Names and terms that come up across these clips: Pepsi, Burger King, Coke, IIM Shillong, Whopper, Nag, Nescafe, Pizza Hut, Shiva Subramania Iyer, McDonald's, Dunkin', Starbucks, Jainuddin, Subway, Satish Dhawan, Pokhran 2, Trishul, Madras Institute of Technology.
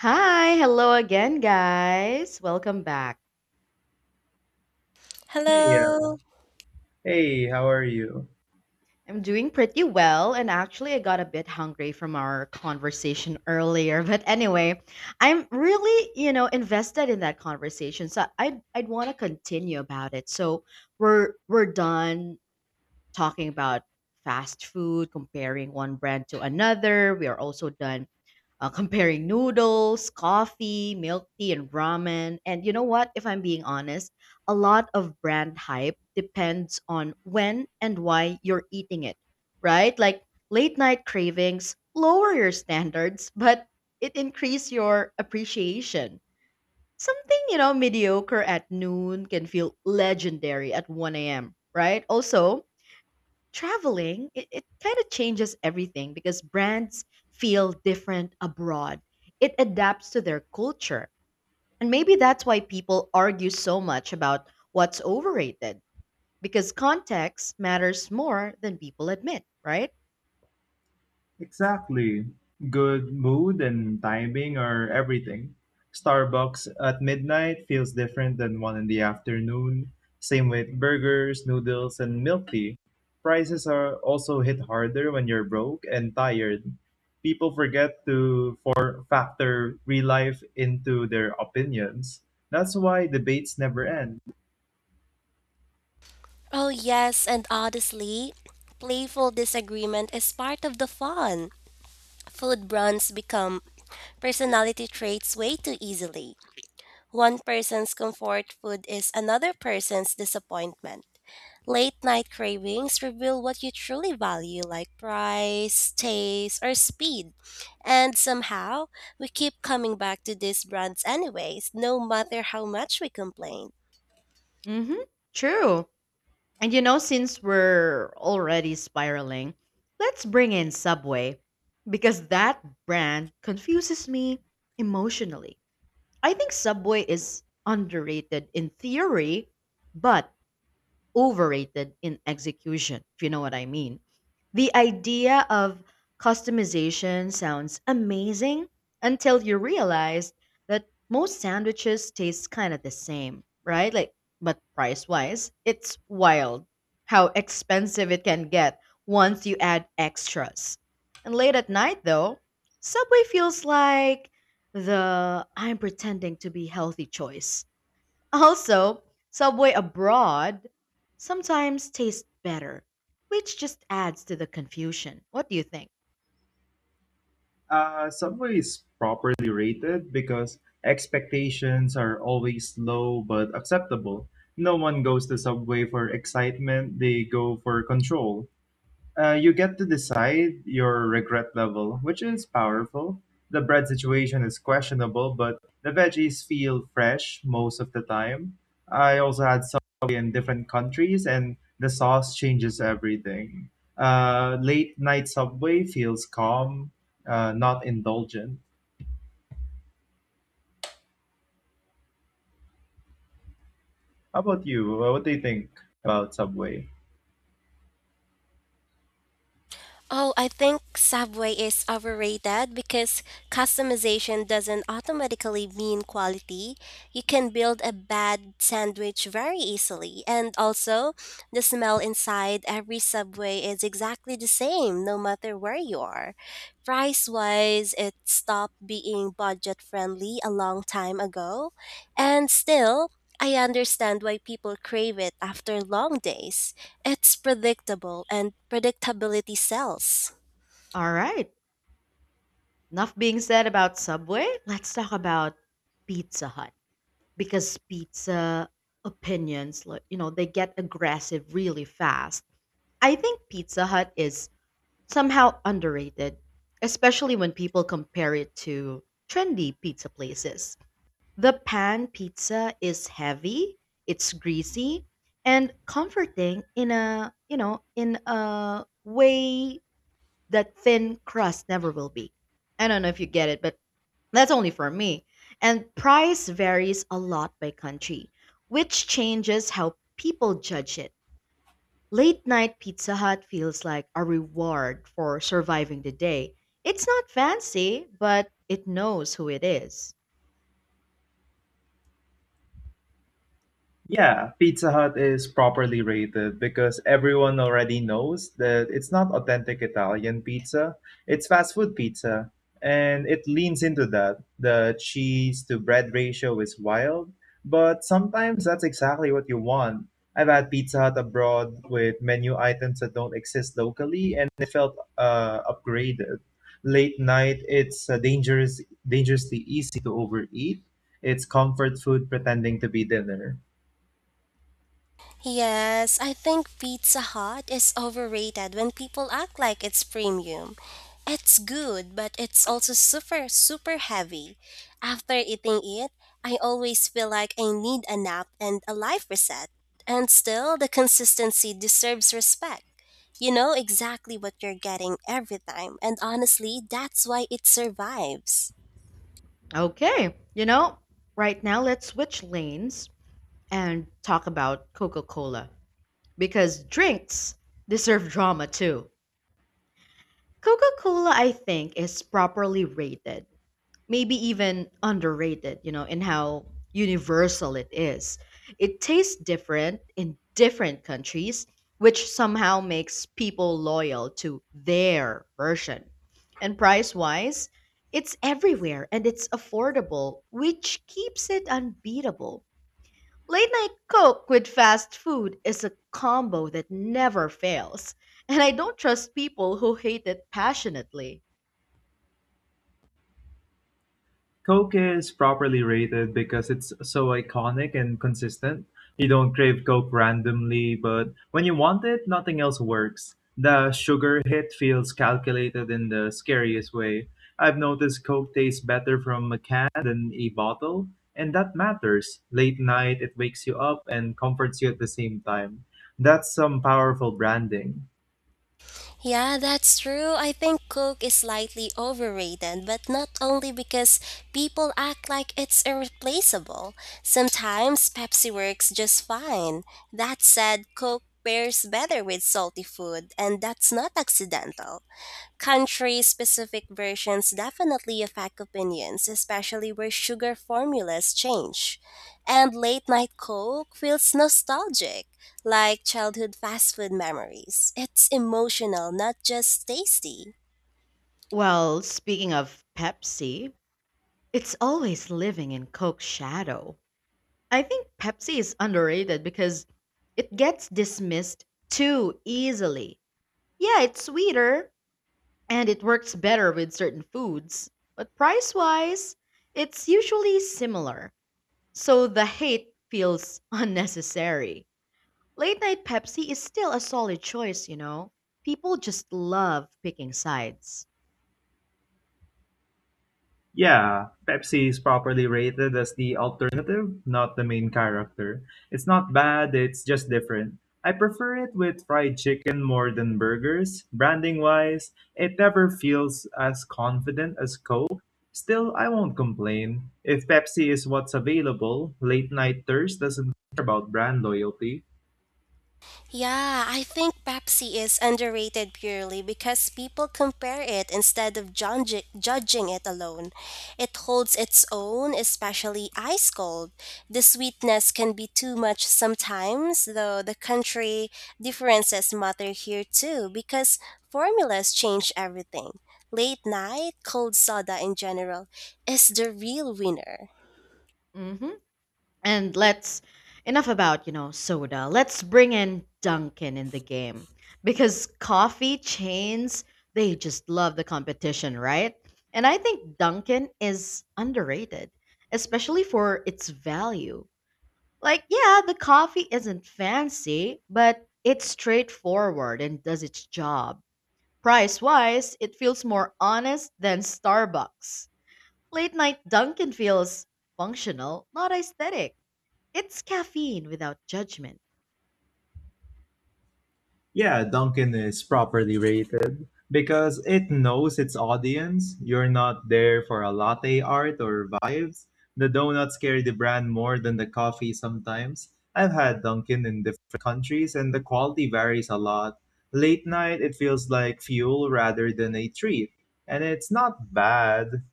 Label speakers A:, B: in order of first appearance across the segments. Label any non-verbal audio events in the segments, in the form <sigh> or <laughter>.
A: Hi, hello again, guys. Welcome back.
B: Hey,
C: Hello.
B: hey, how are you?
A: I'm doing pretty well, and actually, I got a bit hungry from our conversation earlier. <laughs> But anyway, I'm really, you know, invested in that conversation, so I'd want to continue about it. So we're done talking about fast food, comparing one brand to another. We are also done comparing noodles, coffee, milk tea, and ramen. And you know what? If I'm being honest, a lot of brand hype depends on when and why you're eating it, right? Like late night cravings lower your standards, but it increase your appreciation. Something, you know, mediocre at noon can feel legendary at 1 a.m., right? Also, traveling, it kind of changes everything because brands feel different abroad. It adapts to their culture. And maybe that's why people argue so much about what's overrated because context matters more than people admit, right?
B: Exactly. Good mood and timing are everything. Starbucks at midnight feels different than one in the afternoon. Same with burgers, noodles, and milk tea. Prices are also hit harder when you're broke and tired. People forget to for factor real life into their opinions. That's why debates never end.
C: Oh, yes, and honestly, playful disagreement is part of the fun. Food brands become personality traits way too easily. One person's comfort food is another person's disappointment. Late night cravings reveal what you truly value, like price, taste, or speed. And somehow, we keep coming back to these brands anyways, no matter how much we complain.
A: Mhm. True. And you know, since we're already spiraling, let's bring in Subway because that brand confuses me emotionally. I think Subway is underrated in theory, but overrated in execution, if you know what I mean. The idea of customization sounds amazing until you realize that most sandwiches taste kind of the same, right? Like, but price wise, it's wild how expensive it can get once you add extras. And late at night, though, Subway feels like the I'm pretending to be healthy choice. Also, Subway abroad sometimes tastes better, which just adds to the confusion. What do you think?
B: Subway is properly rated because expectations are always low but acceptable. No one goes to Subway for excitement, they go for control. You get to decide your regret level, which is powerful. The bread situation is questionable, but the veggies feel fresh most of the time. I also had subway in different countries, and the sauce changes everything. Late night Subway feels calm, not indulgent. How about you? What do you think about Subway?
C: Oh, I think Subway is overrated because customization doesn't automatically mean quality. You can build a bad sandwich very easily. And also, the smell inside every Subway is exactly the same no matter where you are. Price wise, it stopped being budget friendly a long time ago. And still, I understand why people crave it after long days. It's predictable and predictability sells.
A: All right, enough being said about Subway. Let's talk about Pizza Hut because pizza opinions, like, you know, they get aggressive really fast. I think Pizza Hut is somehow underrated, especially when people compare it to trendy pizza places. The pan pizza is heavy, it's greasy, and comforting in a, you know, in a way that thin crust never will be. I don't know if you get it, but that's only for me. And price varies a lot by country, which changes how people judge it. Late night Pizza Hut feels like a reward for surviving the day. It's not fancy, but it knows who it is.
B: Yeah, Pizza Hut is properly rated because everyone already knows that it's not authentic Italian pizza, it's fast food pizza. And it leans into that. The cheese to bread ratio is wild, but sometimes that's exactly what you want. I've had Pizza Hut abroad with menu items that don't exist locally, and it felt upgraded. Late night, it's dangerous, dangerously easy to overeat. It's comfort food pretending to be dinner.
C: Yes, I think Pizza Hut is overrated when people act like it's premium. It's good, but it's also super, super heavy. After eating it, I always feel like I need a nap and a life reset. And still, the consistency deserves respect. You know exactly what you're getting every time, and honestly, that's why it survives.
A: Okay, you know, right now let's switch lanes and talk about Coca Cola because drinks deserve drama too. Coca Cola, I think, is properly rated, maybe even underrated, you know, in how universal it is. It tastes different in different countries, which somehow makes people loyal to their version. And price wise, it's everywhere and it's affordable, which keeps it unbeatable. Late night Coke with fast food is a combo that never fails, and I don't trust people who hate it passionately.
B: Coke is properly rated because it's so iconic and consistent. You don't crave Coke randomly, but when you want it, nothing else works. The sugar hit feels calculated in the scariest way. I've noticed Coke tastes better from a can than a bottle, and that matters. Late night, it wakes you up and comforts you at the same time. That's some powerful branding.
C: Yeah, that's true. I think Coke is slightly overrated, but not only because people act like it's irreplaceable. Sometimes Pepsi works just fine. That said, Coke pairs better with salty food, and that's not accidental. Country specific versions definitely affect opinions, especially where sugar formulas change and late night Coke feels nostalgic, like childhood fast food memories. It's emotional, not just tasty.
A: Well, speaking of Pepsi, it's always living in Coke's shadow. I think Pepsi is underrated because it gets dismissed too easily. Yeah, it's sweeter and it works better with certain foods, but price wise, it's usually similar. So the hate feels <laughs> unnecessary. Late night Pepsi is still a solid choice, you know? People just love picking sides.
B: Yeah, Pepsi is properly rated as the alternative, not the main character. It's not bad, it's just different. I prefer it with fried chicken more than burgers. Branding wise, it never feels as confident as Coke. Still, I won't complain. If Pepsi is what's available, late night thirst doesn't care about brand loyalty.
C: Yeah, I think Pepsi is underrated purely because people compare it instead of judging it alone. It holds its own, especially ice cold. The sweetness can be too much sometimes, though the country differences matter here too because formulas change everything. Late night, cold soda in general, is the real winner.
A: Hmm. And let's enough about, you know, soda. Let's bring in Dunkin' in the game because coffee chains, they just love the competition, right? And I think Dunkin' is underrated, especially for its value. Like, yeah, the coffee isn't fancy, but it's straightforward and does its job. Price-wise, it feels more honest than Starbucks. Late night Dunkin' feels functional, not aesthetic. It's caffeine without judgment.
B: Yeah, Dunkin' is properly rated because it knows its audience. You're not there for a latte art or vibes. The donuts carry the brand more than the coffee sometimes. I've had Dunkin' in different countries and the quality varies a lot. Late night, it feels like fuel rather than a treat. And it's not bad.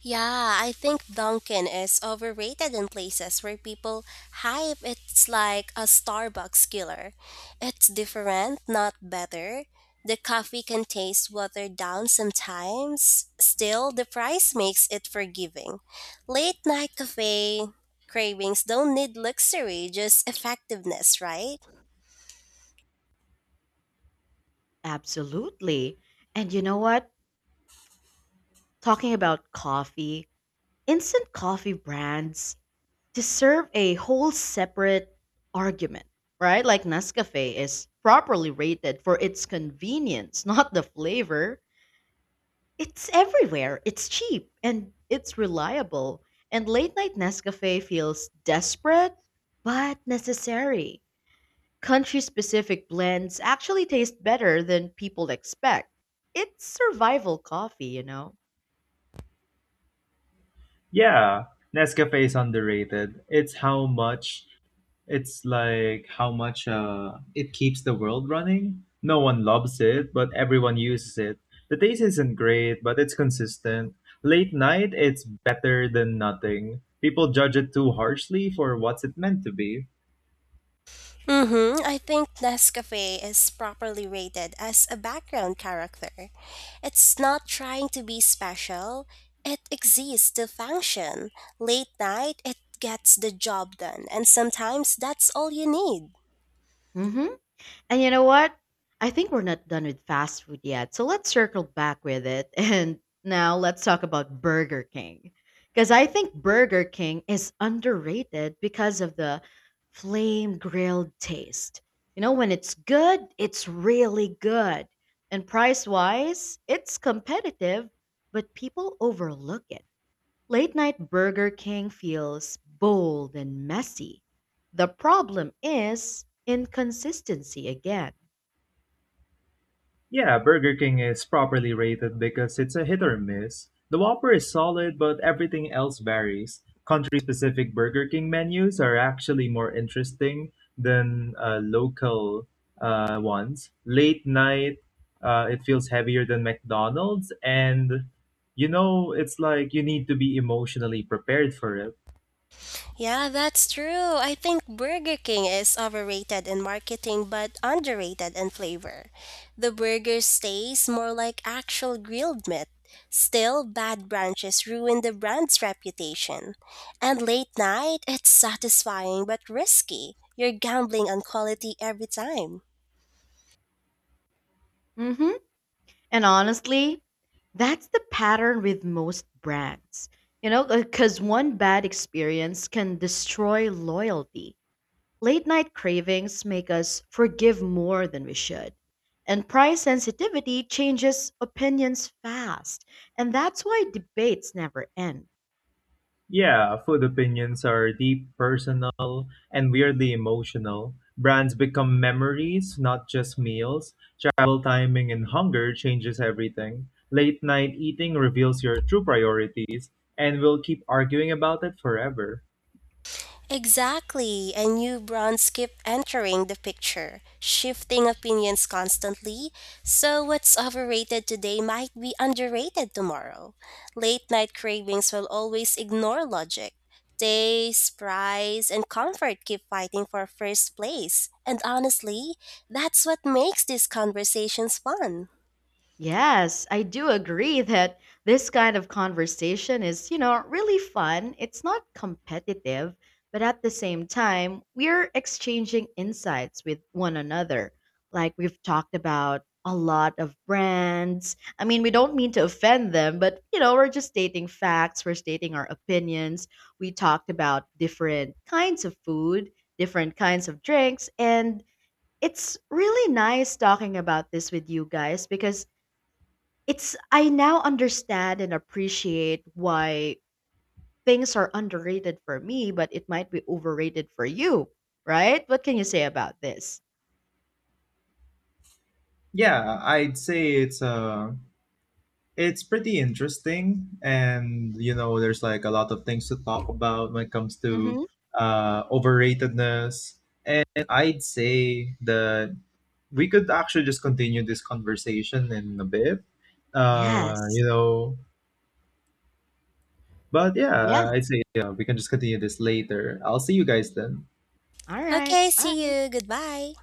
C: Yeah, I think Dunkin' is overrated in places where people hype it's like a Starbucks killer. It's different, not better. The coffee can taste watered down sometimes. Still, the price makes it forgiving. Late night cafe cravings don't need luxury, just effectiveness, right?
A: Absolutely. And you know what? Talking about coffee, instant coffee brands deserve a whole separate argument, right? Like Nescafe is properly rated for its convenience, <laughs> not the flavor. It's everywhere, it's cheap, and it's reliable. And late night Nescafe feels desperate but necessary. Country specific blends actually taste better than people expect. It's survival coffee, you know.
B: Yeah, Nescafe is underrated. It's like how much it keeps the world running. No one loves it, but everyone uses it. The taste isn't great, but it's consistent. Late night, it's better than nothing. People judge it too harshly for what's it meant to be.
C: Mm-hmm. I think Nescafe is properly rated as a background character. It's not trying to be special, it exists to function. Late night, it gets the job done, and sometimes that's all you need.
A: Hmm. And you know what? I think we're not done with fast food yet. So let's circle back with it. <laughs> And now let's talk about Burger King. Because I think Burger King is underrated because of the flame grilled taste. You know, when it's good, it's really good. And price wise, it's competitive, but people overlook it. Late night Burger King feels bold and messy. The problem is inconsistency again.
B: Yeah, Burger King is properly rated because it's a hit or miss. The Whopper is solid, but everything else varies. Country specific Burger King menus are actually more interesting than local ones. Late night, it feels heavier than McDonald's, and you know, it's like you need to be emotionally prepared for it.
C: Yeah, that's true. I think Burger King is overrated in marketing but underrated in flavor. The burger stays more like actual grilled meat. Still, bad branches ruin the brand's reputation. And late night, it's satisfying but risky. You're gambling on quality every time.
A: Hmm. And honestly, that's the pattern with most brands. You know, because one bad experience can destroy loyalty. Late night cravings make us forgive more than we should. And price sensitivity changes opinions fast. And that's why debates never end.
B: Yeah, food opinions are deep, personal, and weirdly emotional. Brands become memories, not just meals. Travel timing and hunger changes everything. Late night eating reveals your true priorities, and we'll keep arguing about it forever.
C: Exactly, and new brands keep entering the picture, shifting opinions constantly. So, what's overrated today might be underrated tomorrow. Late night cravings will always ignore logic. Taste, price, and comfort keep fighting for first place. And honestly, that's what makes these conversations fun.
A: Yes, I do agree that this kind of conversation is, you know, really fun. It's not competitive, but at the same time, we're exchanging insights with one another. Like we've talked about a lot of brands. I mean, we don't mean to offend them, but, you know, we're just stating facts, we're stating our opinions. We talked about different kinds of food, different kinds of drinks, and it's really nice talking about this with you guys because it's I now understand and appreciate why things are underrated for me, but it might be overrated for you, right? What can you say about this?
B: Yeah, I'd say it's pretty interesting and you know there's like a lot of things to talk about when it comes to
A: Mm-hmm.
B: overratedness and I'd say that we could actually just continue this conversation in a bit. Uh,
A: Yes.
B: you know, but
A: Yeah.
B: yeah, we can just continue this later. I'll see you guys then.
A: All right.
C: Okay, see
A: Bye.
C: you. Goodbye.